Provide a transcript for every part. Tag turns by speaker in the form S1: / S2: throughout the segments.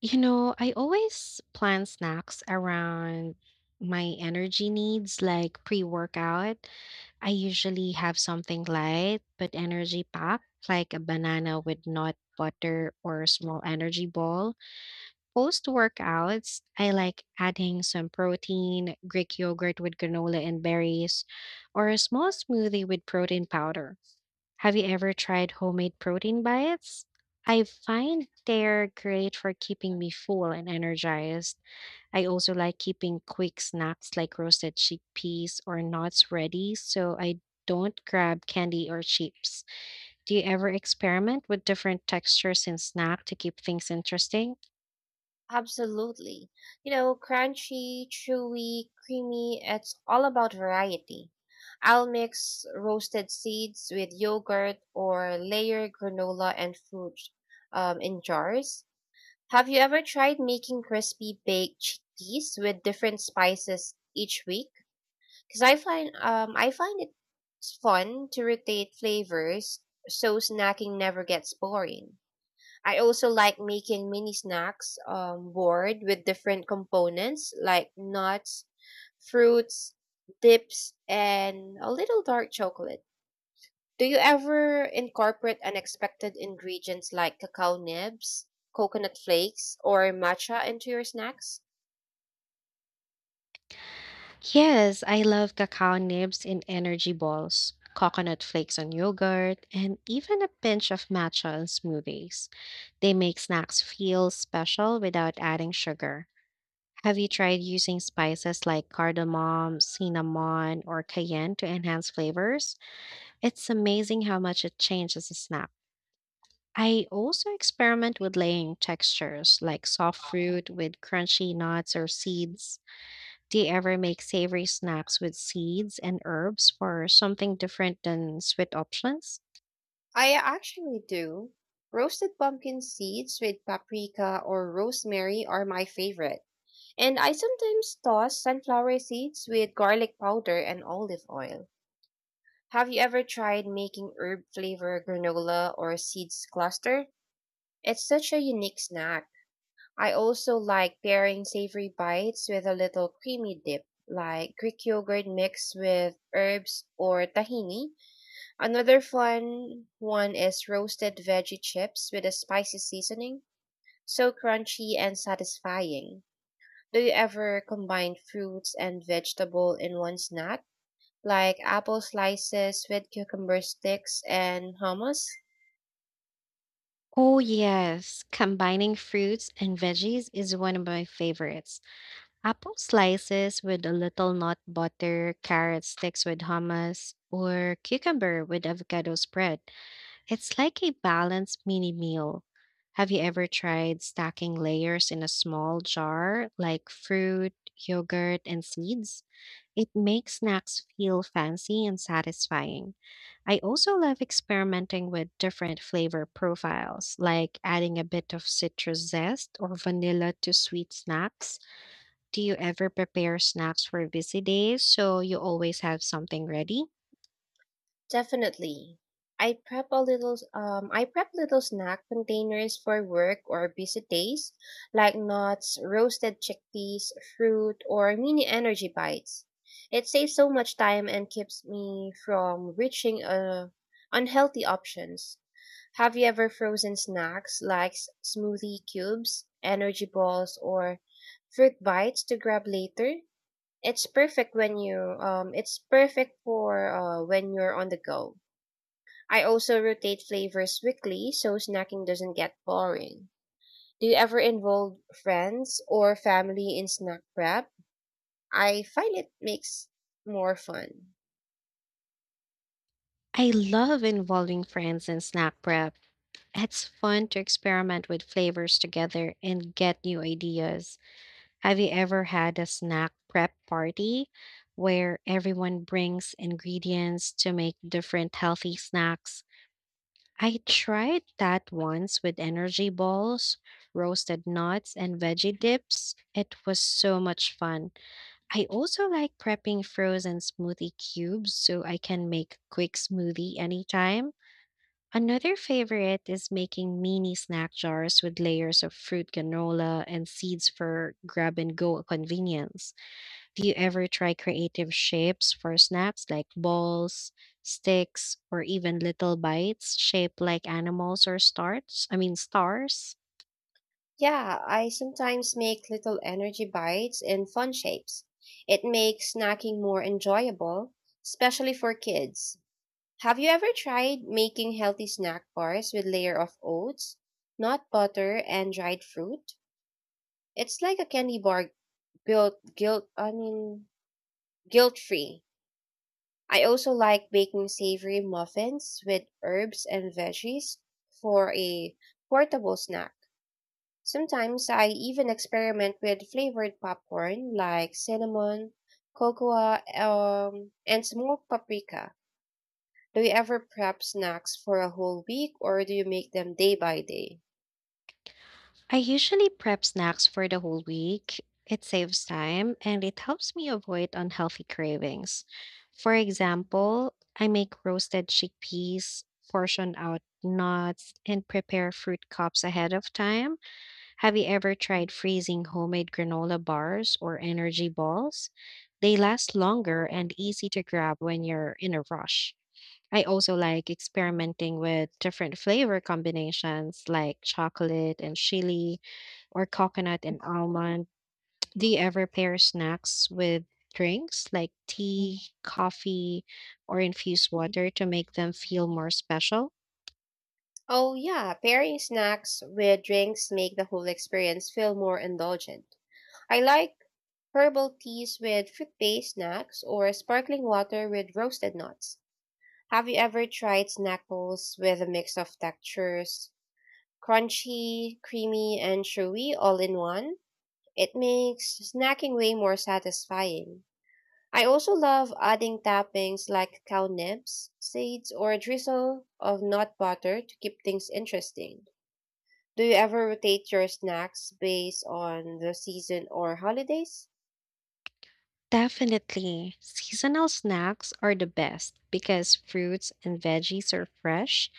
S1: You know, I always plan snacks around my energy needs, like pre workout. I usually have something light but energy packed, like a banana with nut butter or a small energy ball. Post workouts, I like adding some protein, Greek yogurt with granola and berries, or a small smoothie with protein powder. Have you ever tried homemade protein bites? I find they're great for keeping me full and energized. I also like keeping quick snacks like roasted chickpeas or nuts ready so I don't grab candy or chips. Do you ever experiment with different textures in snack to keep things interesting?
S2: Absolutely. You know, crunchy, chewy, creamy, it's all about variety. I'll mix roasted seeds with yogurt or layer granola and fruit in jars. Have you ever tried making crispy baked chickpeas with different spices each week? Because I find it fun to rotate flavors so snacking never gets boring. I also like making mini snacks board with different components like nuts, fruits, dips, and a little dark chocolate. Do you ever incorporate unexpected ingredients like cacao nibs, coconut flakes, or matcha into your snacks?
S1: Yes, I love cacao nibs in energy balls, coconut flakes on yogurt, and even a pinch of matcha on smoothies. They make snacks feel special without adding sugar. Have you tried using spices like cardamom, cinnamon, or cayenne to enhance flavors? It's amazing how much it changes a snack. I also experiment with laying textures like soft fruit with crunchy nuts or seeds. Do you ever make savory snacks with seeds and herbs for something different than sweet options?
S2: I actually do. Roasted pumpkin seeds with paprika or rosemary are my favorite. And I sometimes toss sunflower seeds with garlic powder and olive oil. Have you ever tried making herb flavor granola or seeds cluster? It's such a unique snack. I also like pairing savory bites with a little creamy dip, like Greek yogurt mixed with herbs or tahini. Another fun one is roasted veggie chips with a spicy seasoning, so crunchy and satisfying. Do you ever combine fruits and vegetable in one snack, like apple slices with cucumber sticks and hummus?
S1: Oh, yes. Combining fruits and veggies is one of my favorites. Apple slices with a little nut butter, carrot sticks with hummus, or cucumber with avocado spread. It's like a balanced mini meal. Have you ever tried stacking layers in a small jar, like fruit, yogurt, and seeds? It makes snacks feel fancy and satisfying. I also love experimenting with different flavor profiles, like adding a bit of citrus zest or vanilla to sweet snacks. Do you ever prepare snacks for busy days so you always have something ready?
S2: Definitely. I prep a little I prep little snack containers for work or busy days, like nuts, roasted chickpeas, fruit, or mini energy bites. It saves so much time and keeps me from reaching unhealthy options. Have you ever frozen snacks like smoothie cubes, energy balls, or fruit bites to grab later? It's perfect when you it's perfect for when you're on the go. I also rotate flavors weekly so snacking doesn't get boring. Do you ever involve friends or family in snack prep? I find it makes more fun.
S1: I love involving friends in snack prep. It's fun to experiment with flavors together and get new ideas. Have you ever had a snack prep party where everyone brings ingredients to make different healthy snacks? I tried that once with energy balls, roasted nuts, and veggie dips. It was so much fun. I also like prepping frozen smoothie cubes so I can make a quick smoothie anytime. Another favorite is making mini snack jars with layers of fruit granola and seeds for grab and go convenience. Do you ever try creative shapes for snacks like balls, sticks, or even little bites shaped like animals or stars? Stars?
S2: Yeah, I sometimes make little energy bites in fun shapes. It makes snacking more enjoyable, especially for kids. Have you ever tried making healthy snack bars with layer of oats, nut butter, and dried fruit? It's like a candy bar built guilt I mean guilt free. I also like baking savory muffins with herbs and veggies for a portable snack. Sometimes I even experiment with flavored popcorn like cinnamon, cocoa, and smoked paprika. Do you ever prep snacks for a whole week or do you make them day by day?
S1: I usually prep snacks for the whole week. It saves time and it helps me avoid unhealthy cravings. For example, I make roasted chickpeas, portion out nuts, and prepare fruit cups ahead of time. Have you ever tried freezing homemade granola bars or energy balls? They last longer and easy to grab when you're in a rush. I also like experimenting with different flavor combinations like chocolate and chili or coconut and almond. Do you ever pair snacks with drinks like tea, coffee, or infused water to make them feel more special?
S2: Oh yeah, pairing snacks with drinks make the whole experience feel more indulgent. I like herbal teas with fruit-based snacks or sparkling water with roasted nuts. Have you ever tried snack bowls with a mix of textures, crunchy, creamy, and chewy all in one? It makes snacking way more satisfying. I also love adding toppings like cow nibs, seeds, or a drizzle of nut butter to keep things interesting. Do you ever rotate your snacks based on the season or holidays?
S1: Definitely. Seasonal snacks are the best because fruits and veggies are fresh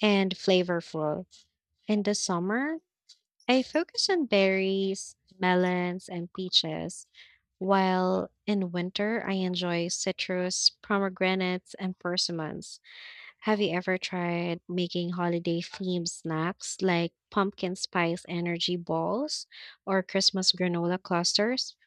S1: and flavorful. In the summer, I focus on berries, melons, and peaches, while in winter, I enjoy citrus, pomegranates, and persimmons. Have you ever tried making holiday themed snacks like pumpkin spice energy balls or Christmas granola clusters?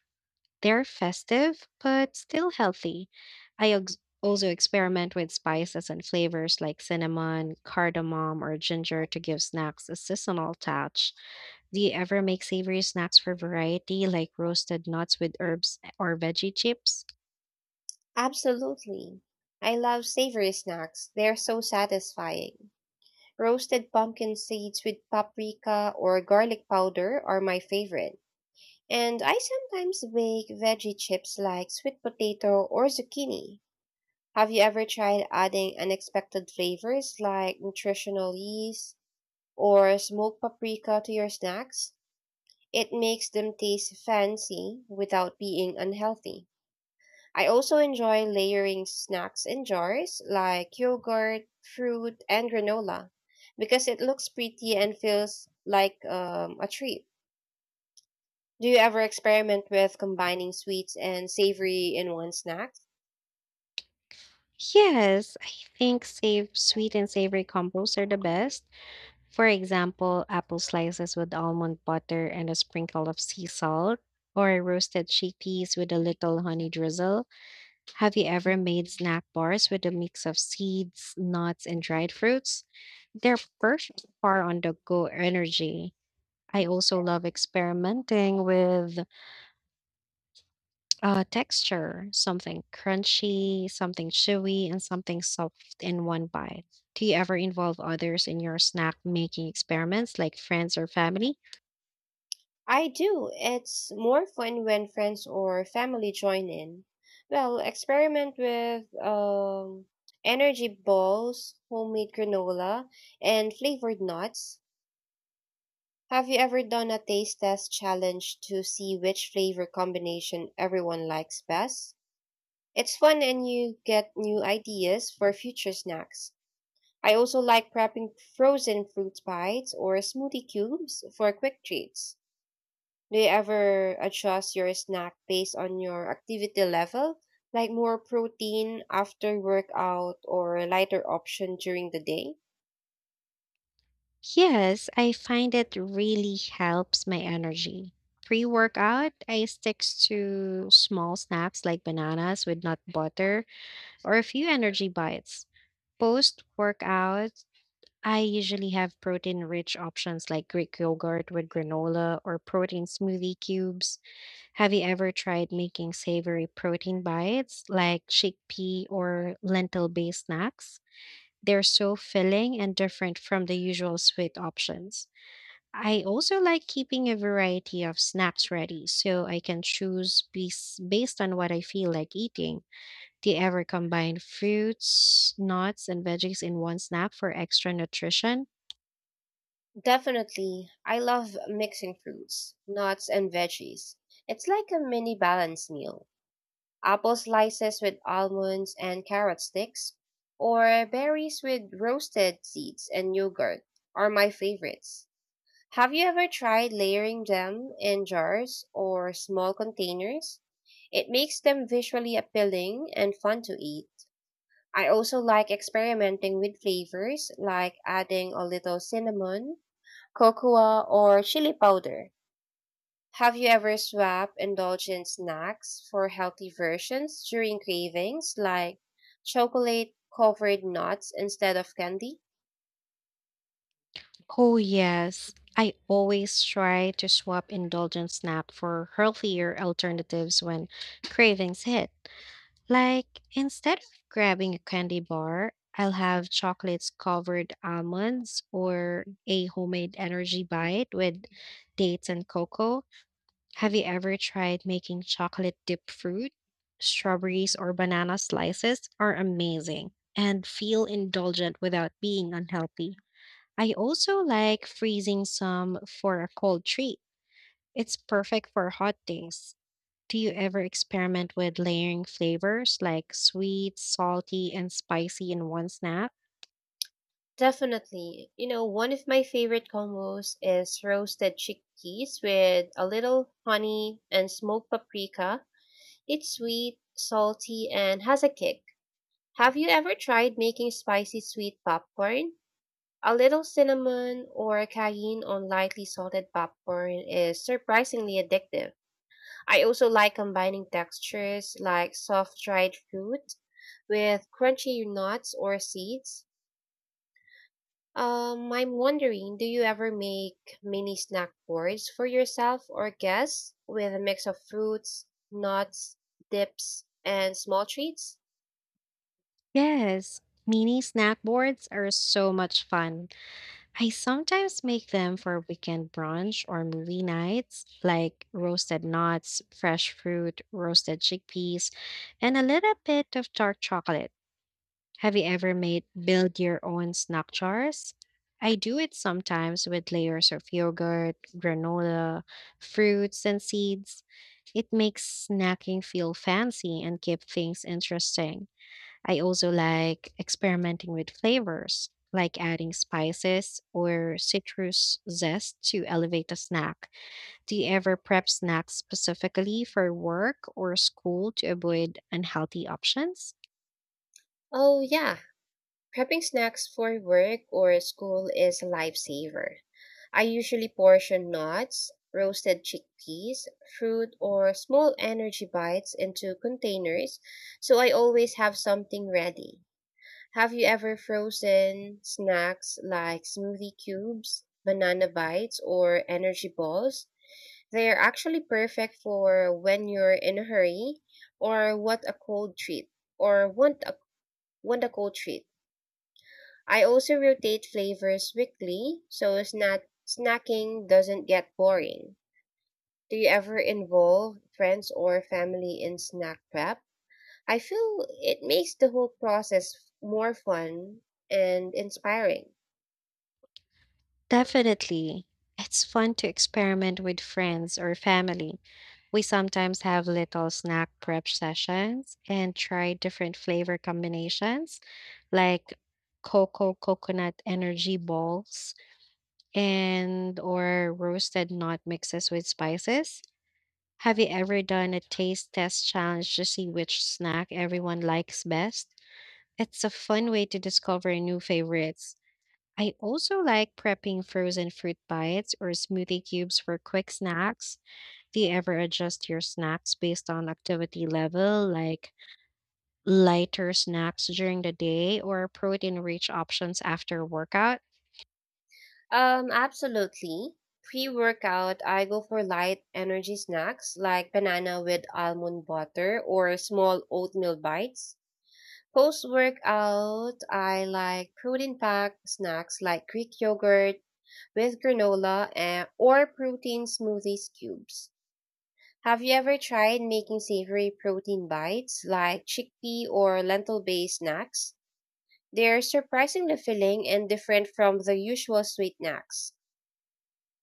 S1: They're festive, but still healthy. Also experiment with spices and flavors like cinnamon, cardamom, or ginger to give snacks a seasonal touch. Do you ever make savory snacks for variety, like roasted nuts with herbs, or veggie chips?
S2: Absolutely. I love savory snacks. They're so satisfying. Roasted pumpkin seeds with paprika or garlic powder are my favorite. And I sometimes bake veggie chips like sweet potato or zucchini. Have you ever tried adding unexpected flavors like nutritional yeast or smoked paprika to your snacks? It makes them taste fancy without being unhealthy. I also enjoy layering snacks in jars like yogurt, fruit, and granola because it looks pretty and feels like a treat. Do you ever experiment with combining sweets and savory in one snack?
S1: Yes, I think save sweet and savory combos are the best. For example, apple slices with almond butter and a sprinkle of sea salt, or roasted chickpeas with a little honey drizzle. Have you ever made snack bars with a mix of seeds, nuts, and dried fruits? They're perfect for on the go energy. I also love experimenting with texture, something crunchy, something chewy, and something soft in one bite. Do you ever involve others in your snack making experiments, like friends or family?
S2: I do. It's more fun when friends or family join in. Well, experiment with energy balls, homemade granola, and flavored nuts. Have you ever done a taste test challenge to see which flavor combination everyone likes best? It's fun and you get new ideas for future snacks. I also like prepping frozen fruit bites or smoothie cubes for quick treats. Do you ever adjust your snack based on your activity level, like more protein after workout or a lighter option during the day?
S1: Yes, I find it really helps my energy. Pre workout, I stick to small snacks like bananas with nut butter or a few energy bites. Post workout, I usually have protein rich options like Greek yogurt with granola or protein smoothie cubes. Have you ever tried making savory protein bites like chickpea or lentil based snacks? They're so filling and different from the usual sweet options. I also like keeping a variety of snacks ready so I can choose based on what I feel like eating. Do you ever combine fruits, nuts, and veggies in one snack for extra nutrition?
S2: Definitely. I love mixing fruits, nuts, and veggies. It's like a mini balanced meal. Apple slices with almonds and carrot sticks, or berries with roasted seeds and yogurt are my favorites. Have you ever tried layering them in jars or small containers? It makes them visually appealing and fun to eat. I also like experimenting with flavors like adding a little cinnamon, cocoa, or chili powder. Have you ever swapped indulgent snacks for healthy versions during cravings, like chocolate covered nuts instead of candy?
S1: Oh, yes. I always try to swap indulgent snack for healthier alternatives when cravings hit. Like, instead of grabbing a candy bar, I'll have chocolates covered almonds or a homemade energy bite with dates and cocoa. Have you ever tried making chocolate dipped fruit? Strawberries or banana slices are amazing and feel indulgent without being unhealthy. I also like freezing some for a cold treat. It's perfect for hot days. Do you ever experiment with layering flavors like sweet, salty, and spicy in one snack?
S2: Definitely. You know, one of my favorite combos is roasted chickpeas with a little honey and smoked paprika. It's sweet, salty, and has a kick. Have you ever tried making spicy sweet popcorn? A little cinnamon or cayenne on lightly salted popcorn is surprisingly addictive. I also like combining textures like soft dried fruit with crunchy nuts or seeds. I'm wondering, do you ever make mini snack boards for yourself or guests with a mix of fruits, nuts, dips, and small treats?
S1: Yes, mini snack boards are so much fun. I sometimes make them for weekend brunch or movie nights, like roasted nuts, fresh fruit, roasted chickpeas, and a little bit of dark chocolate. Have you ever made build your own snack jars? I do it sometimes with layers of yogurt, granola, fruits, and seeds. It makes snacking feel fancy and keep things interesting. I also like experimenting with flavors, like adding spices or citrus zest to elevate a snack. Do you ever prep snacks specifically for work or school to avoid unhealthy options?
S2: Oh, yeah. Prepping snacks for work or school is a lifesaver. I usually portion nuts, roasted chickpeas, fruit, or small energy bites into containers so I always have something ready. Have you ever frozen snacks like smoothie cubes, banana bites, or energy balls? They are actually perfect for when you're in a hurry or what a cold treat or want a cold treat. I also rotate flavors weekly so snacking doesn't get boring. Do you ever involve friends or family in snack prep? I feel it makes the whole process more fun and inspiring.
S1: Definitely. It's fun to experiment with friends or family. We sometimes have little snack prep sessions and try different flavor combinations like cocoa coconut energy balls and or roasted nut mixes with spices. Have you ever done a taste test challenge to see which snack everyone likes best? It's a fun way to discover new favorites. I also like prepping frozen fruit bites or smoothie cubes for quick snacks. Do you ever adjust your snacks based on activity level, like lighter snacks during the day or protein rich options after workout?
S2: Absolutely. Pre workout, I go for light energy snacks like banana with almond butter or small oatmeal bites. Post workout, I like protein packed snacks like Greek yogurt with granola and, or protein smoothies cubes. Have you ever tried making savory protein bites like chickpea or lentil based snacks? They're surprisingly filling and different from the usual sweet snacks.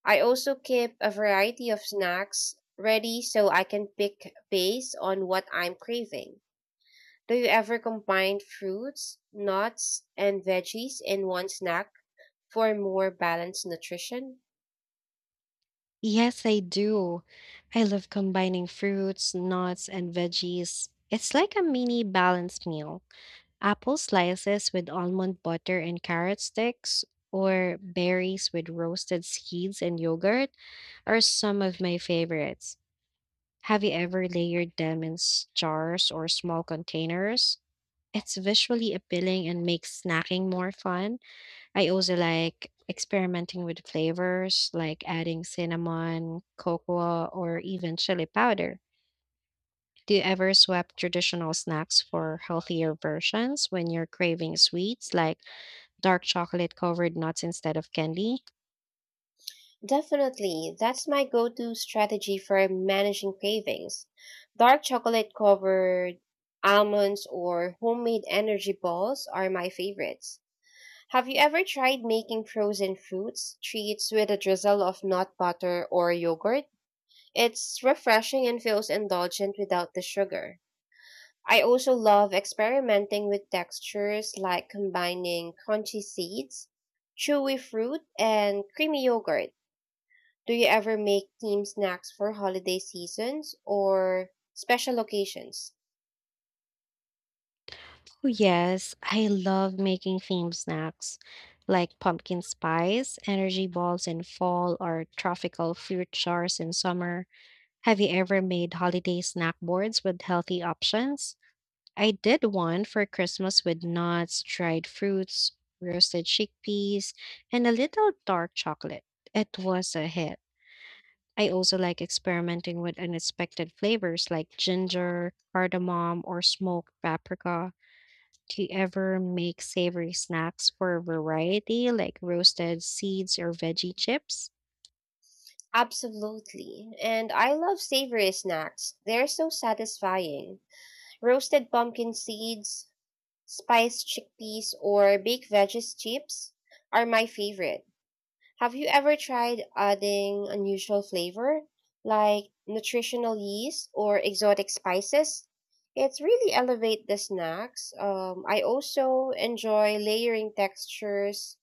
S2: I also keep a variety of snacks ready so I can pick based on what I'm craving. Do you ever combine fruits, nuts, and veggies in one snack for more balanced nutrition?
S1: Yes, I do. I love combining fruits, nuts, and veggies. It's like a mini balanced meal. Apple slices with almond butter and carrot sticks, or berries with roasted seeds and yogurt are some of my favorites. Have you ever layered them in jars or small containers? It's visually appealing and makes snacking more fun. I also like experimenting with flavors, like adding cinnamon, cocoa, or even chili powder. Do you ever swap traditional snacks for healthier versions when you're craving sweets, like dark chocolate covered nuts instead of candy?
S2: Definitely, that's my go to strategy for managing cravings. Dark chocolate covered almonds or homemade energy balls are my favorites. Have you ever tried making frozen fruits treats with a drizzle of nut butter or yogurt? It's refreshing and feels indulgent without the sugar. I also love experimenting with textures like combining crunchy seeds, chewy fruit, and creamy yogurt. Do you ever make team snacks for holiday seasons or special occasions?
S1: Oh, yes, I love making themed snacks like pumpkin spice, energy balls in fall, or tropical fruit jars in summer. Have you ever made holiday snack boards with healthy options? I did one for Christmas with nuts, dried fruits, roasted chickpeas, and a little dark chocolate. It was a hit. I also like experimenting with unexpected flavors like ginger, cardamom, or smoked paprika. Do you ever make savory snacks for variety, like roasted seeds or veggie chips?
S2: Absolutely. And I love savory snacks. They're so satisfying. Roasted pumpkin seeds, spiced chickpeas, or baked veggies chips are my favorite. Have you ever tried adding unusual flavor, like nutritional yeast or exotic spices? It's really elevate the snacks. I also enjoy layering textures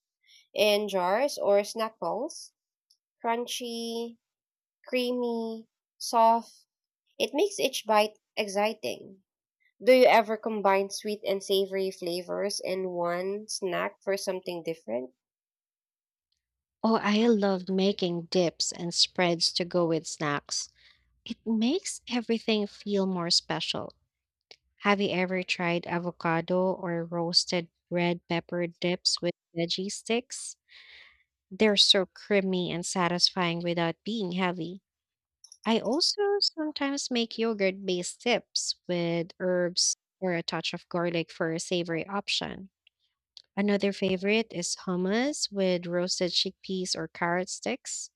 S2: in jars or snack bowls. Crunchy, creamy, soft. It makes each bite exciting. Do you ever combine sweet and savory flavors in one snack for something different?
S1: Oh, I love making dips and spreads to go with snacks. It makes everything feel more special. Have you ever tried avocado or roasted red pepper dips with veggie sticks? They're so creamy and satisfying without being heavy. I also sometimes make yogurt based dips with herbs or a touch of garlic for a savory option. Another favorite is hummus with roasted chickpeas or carrot sticks.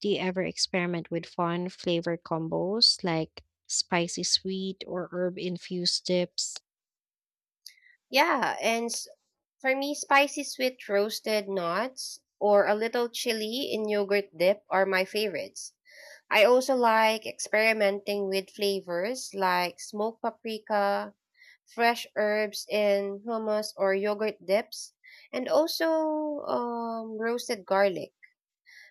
S1: Do you ever experiment with fun flavor combos like spicy sweet or herb infused dips?
S2: Yeah, for me, spicy sweet roasted nuts or a little chili in yogurt dip are my favorites. I also like experimenting with flavors like smoked paprika, fresh herbs in hummus or yogurt dips, and also roasted garlic.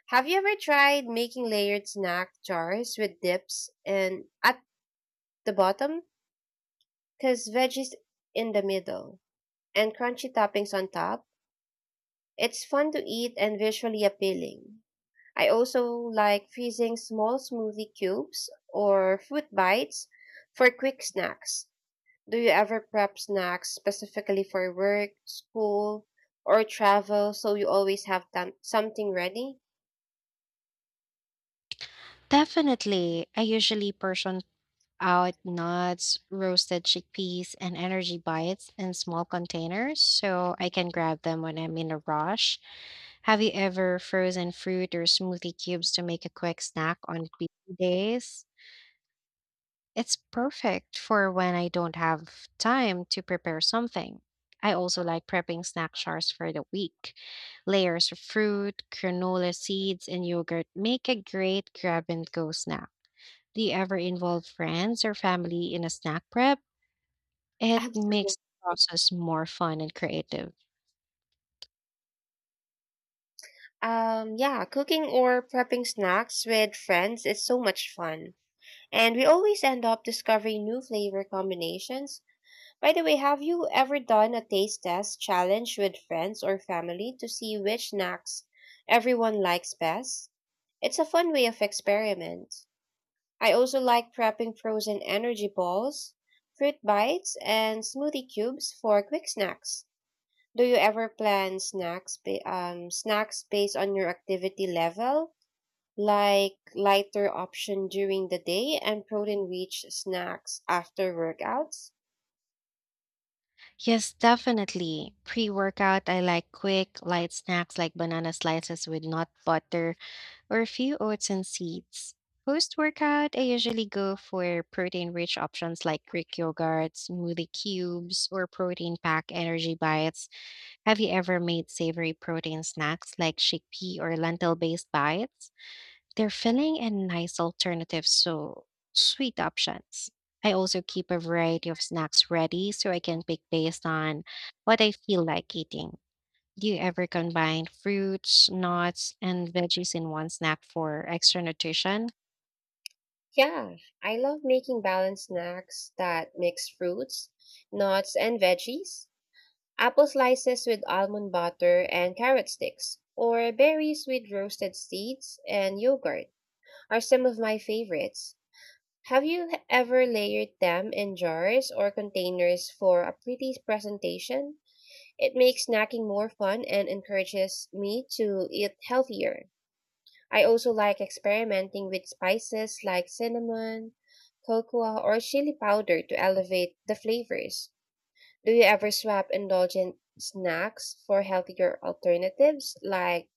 S2: Have you ever tried making layered snack jars with dips and at the bottom? Because veggies in the middle and crunchy toppings on top? It's fun to eat and visually appealing. I also like freezing small smoothie cubes or fruit bites for quick snacks. Do you ever prep snacks specifically for work, school, or travel so you always have done something ready?
S1: Definitely. I usually portion out nuts, roasted chickpeas, and energy bites in small containers so I can grab them when I'm in a rush. Have you ever frozen fruit or smoothie cubes to make a quick snack on busy days? It's perfect for when I don't have time to prepare something. I also like prepping snack jars for the week. Layers of fruit, granola seeds, and yogurt make a great grab and go snack. Do you ever involve friends or family in a snack prep? It
S2: Absolutely.
S1: makes the process more fun and creative.
S2: Yeah, cooking or prepping snacks with friends is so much fun. And we always end up discovering new flavor combinations. By the way, have you ever done a taste test challenge with friends or family to see which snacks everyone likes best? It's a fun way of experiment. I also like prepping frozen energy balls, fruit bites, and smoothie cubes for quick snacks. Do you ever plan snacks snacks based on your activity level, like lighter option during the day and protein-rich snacks after workouts?
S1: Yes, definitely. Pre workout, I like quick, light snacks like banana slices with nut butter or a few oats and seeds. Post workout, I usually go for protein rich options like Greek yogurt, smoothie cubes, or protein pack energy bites. Have you ever made savory protein snacks like chickpea or lentil based bites? They're filling and nice alternatives, so sweet options. I also keep a variety of snacks ready so I can pick based on what I feel like eating. Do you ever combine fruits, nuts, and veggies in one snack for extra nutrition?
S2: Yeah, I love making balanced snacks that mix fruits, nuts, and veggies. Apple slices with almond butter and carrot sticks, or berries with roasted seeds and yogurt are some of my favorites. Have you ever layered them in jars or containers for a pretty presentation? It makes snacking more fun and encourages me to eat healthier. I also like experimenting with spices like cinnamon, cocoa, or chili powder to elevate the flavors. Do you ever swap indulgent snacks for healthier alternatives like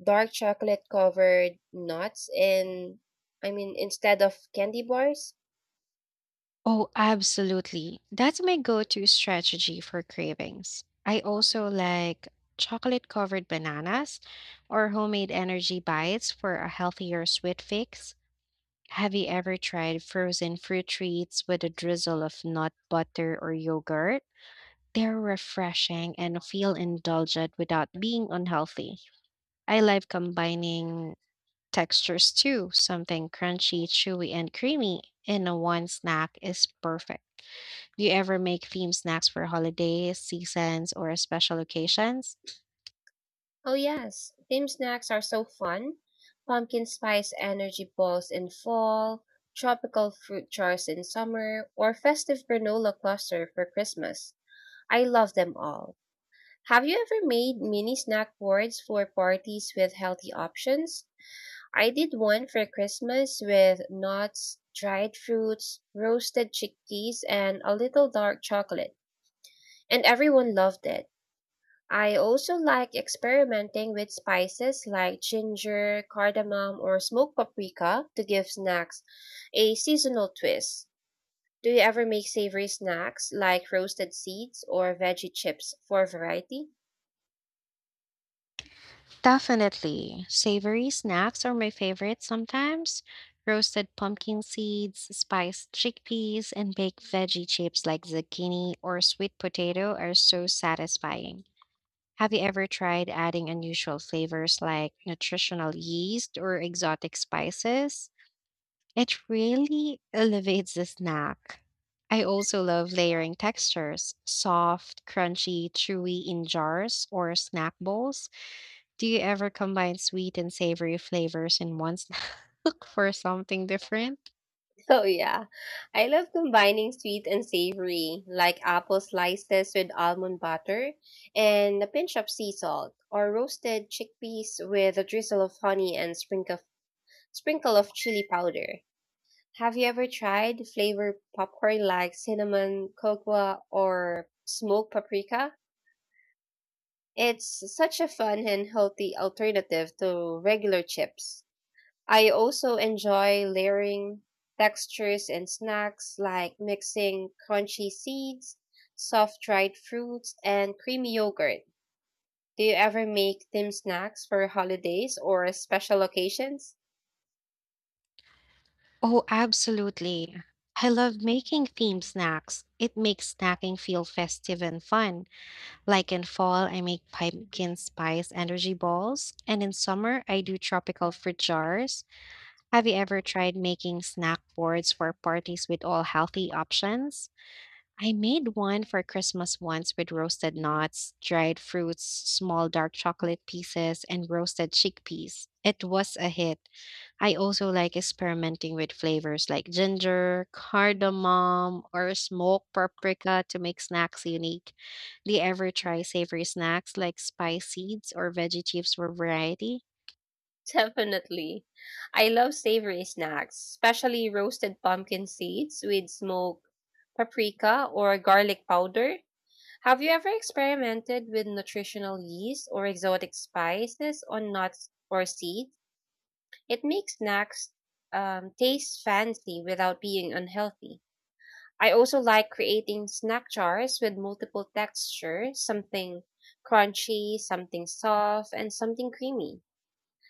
S2: dark chocolate covered nuts in I mean instead of candy bars?
S1: Oh, absolutely. That's my go to strategy for cravings. I also like chocolate covered bananas or homemade energy bites for a healthier sweet fix. Have you ever tried frozen fruit treats with a drizzle of nut butter or yogurt? They're refreshing and feel indulgent without being unhealthy. I love combining textures too. Something crunchy, chewy, and creamy in a one snack is perfect. Do you ever make themed snacks for holidays, seasons, or special occasions?
S2: Oh yes, team snacks are so fun. Pumpkin spice energy balls in fall, tropical fruit jars in summer, or festive granola cluster for Christmas. I love them all. Have you ever made mini snack boards for parties with healthy options? I did one for Christmas with nuts, dried fruits, roasted chickpeas, and a little dark chocolate, and everyone loved it. I also like experimenting with spices like ginger, cardamom, or smoked paprika to give snacks a seasonal twist. Do you ever make savory snacks like roasted seeds or veggie chips for variety?
S1: Definitely. Savory snacks are my favorite sometimes. Roasted pumpkin seeds, spiced chickpeas, and baked veggie chips like zucchini or sweet potato are so satisfying. Have you ever tried adding unusual flavors like nutritional yeast or exotic spices? It really elevates the snack. I also love layering textures, soft, crunchy, chewy in jars or snack bowls. Do you ever combine sweet and savory flavors in one snack Look for something different?
S2: Oh yeah, I love combining sweet and savory, like apple slices with almond butter and a pinch of sea salt, or roasted chickpeas with a drizzle of honey and sprinkle of chili powder. Have you ever tried flavored popcorn like cinnamon, cocoa, or smoked paprika? It's such a fun and healthy alternative to regular chips. I also enjoy layering textures and snacks like mixing crunchy seeds, soft dried fruits, and creamy yogurt. Do you ever make themed snacks for holidays or special occasions?
S1: Oh, absolutely. I love making themed snacks. It makes snacking feel festive and fun. Like in fall, I make pumpkin spice energy balls, and in summer, I do tropical fruit jars. Have you ever tried making snack boards for parties with all healthy options? I made one for Christmas once with roasted nuts, dried fruits, small dark chocolate pieces, and roasted chickpeas. It was a hit. I also like experimenting with flavors like ginger, cardamom, or smoked paprika to make snacks unique. Do you ever try savory snacks like spice seeds or veggie chips for variety?
S2: Definitely. I love savory snacks, especially roasted pumpkin seeds with smoked paprika or garlic powder. Have you ever experimented with nutritional yeast or exotic spices on nuts or seeds? It makes snacks taste fancy without being unhealthy. I also like creating snack jars with multiple textures, something crunchy, something soft, and something creamy.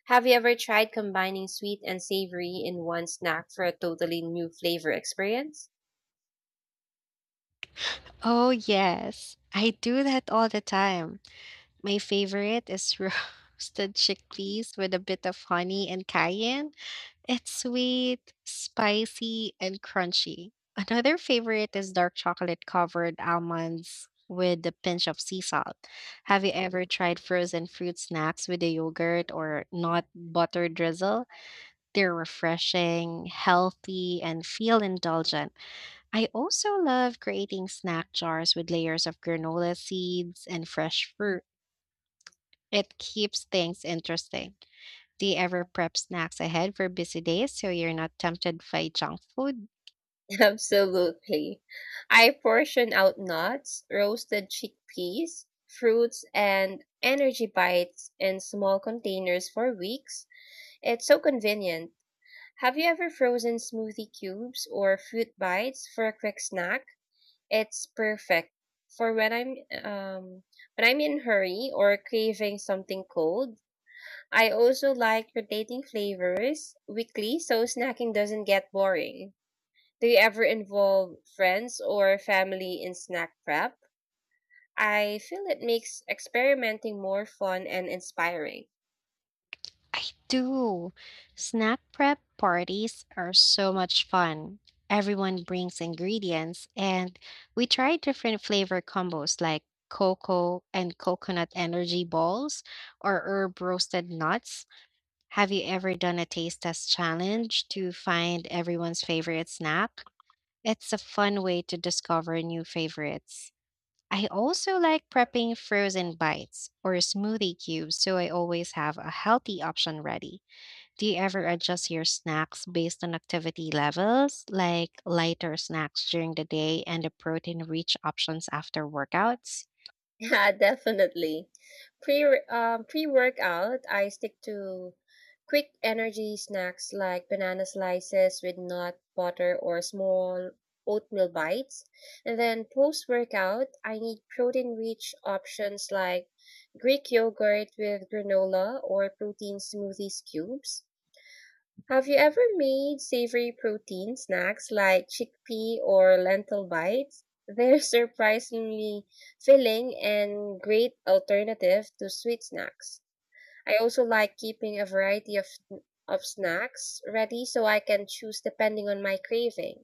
S2: Have you ever tried combining sweet and savory in one snack for a totally new flavor experience?
S1: Oh, yes. I do that all the time. My favorite is roasted chickpeas with a bit of honey and cayenne. It's sweet, spicy, and crunchy. Another favorite is dark chocolate covered almonds with a pinch of sea salt. Have you ever tried frozen fruit snacks with a yogurt or nut butter drizzle? They're refreshing, healthy, and feel indulgent. I also love creating snack jars with layers of granola seeds and fresh fruit. It keeps things interesting. Do you ever prep snacks ahead for busy days so you're not tempted by junk food?
S2: Absolutely. I portion out nuts, roasted chickpeas, fruits, and energy bites in small containers for weeks. It's so convenient. Have you ever frozen smoothie cubes or fruit bites for a quick snack? It's perfect for um, when I'm in a hurry or craving something cold. I also like rotating flavors weekly so snacking doesn't get boring. Do you ever involve friends or family in snack prep? I feel it makes experimenting more fun and inspiring.
S1: I do. Snack prep parties are so much fun. Everyone brings ingredients and we try different flavor combos like cocoa and coconut energy balls or herb roasted nuts. Have you ever done a taste test challenge to find everyone's favorite snack? It's a fun way to discover new favorites. I also like prepping frozen bites or smoothie cubes so I always have a healthy option ready. Do you ever adjust your snacks based on activity levels, like lighter snacks during the day and the protein rich options after workouts?
S2: Yeah, definitely. Pre-workout, I stick to quick energy snacks like banana slices with nut butter or small oatmeal bites. And then post-workout, I need protein-rich options like Greek yogurt with granola or protein smoothies cubes. Have you ever made savory protein snacks like chickpea or lentil bites? They're surprisingly filling and great alternative to sweet snacks. I also like keeping a variety of snacks ready so I can choose depending on my craving.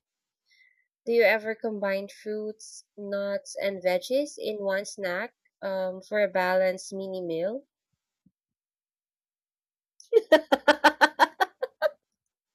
S2: Do you ever combine fruits, nuts, and veggies in one snack for a balanced mini meal?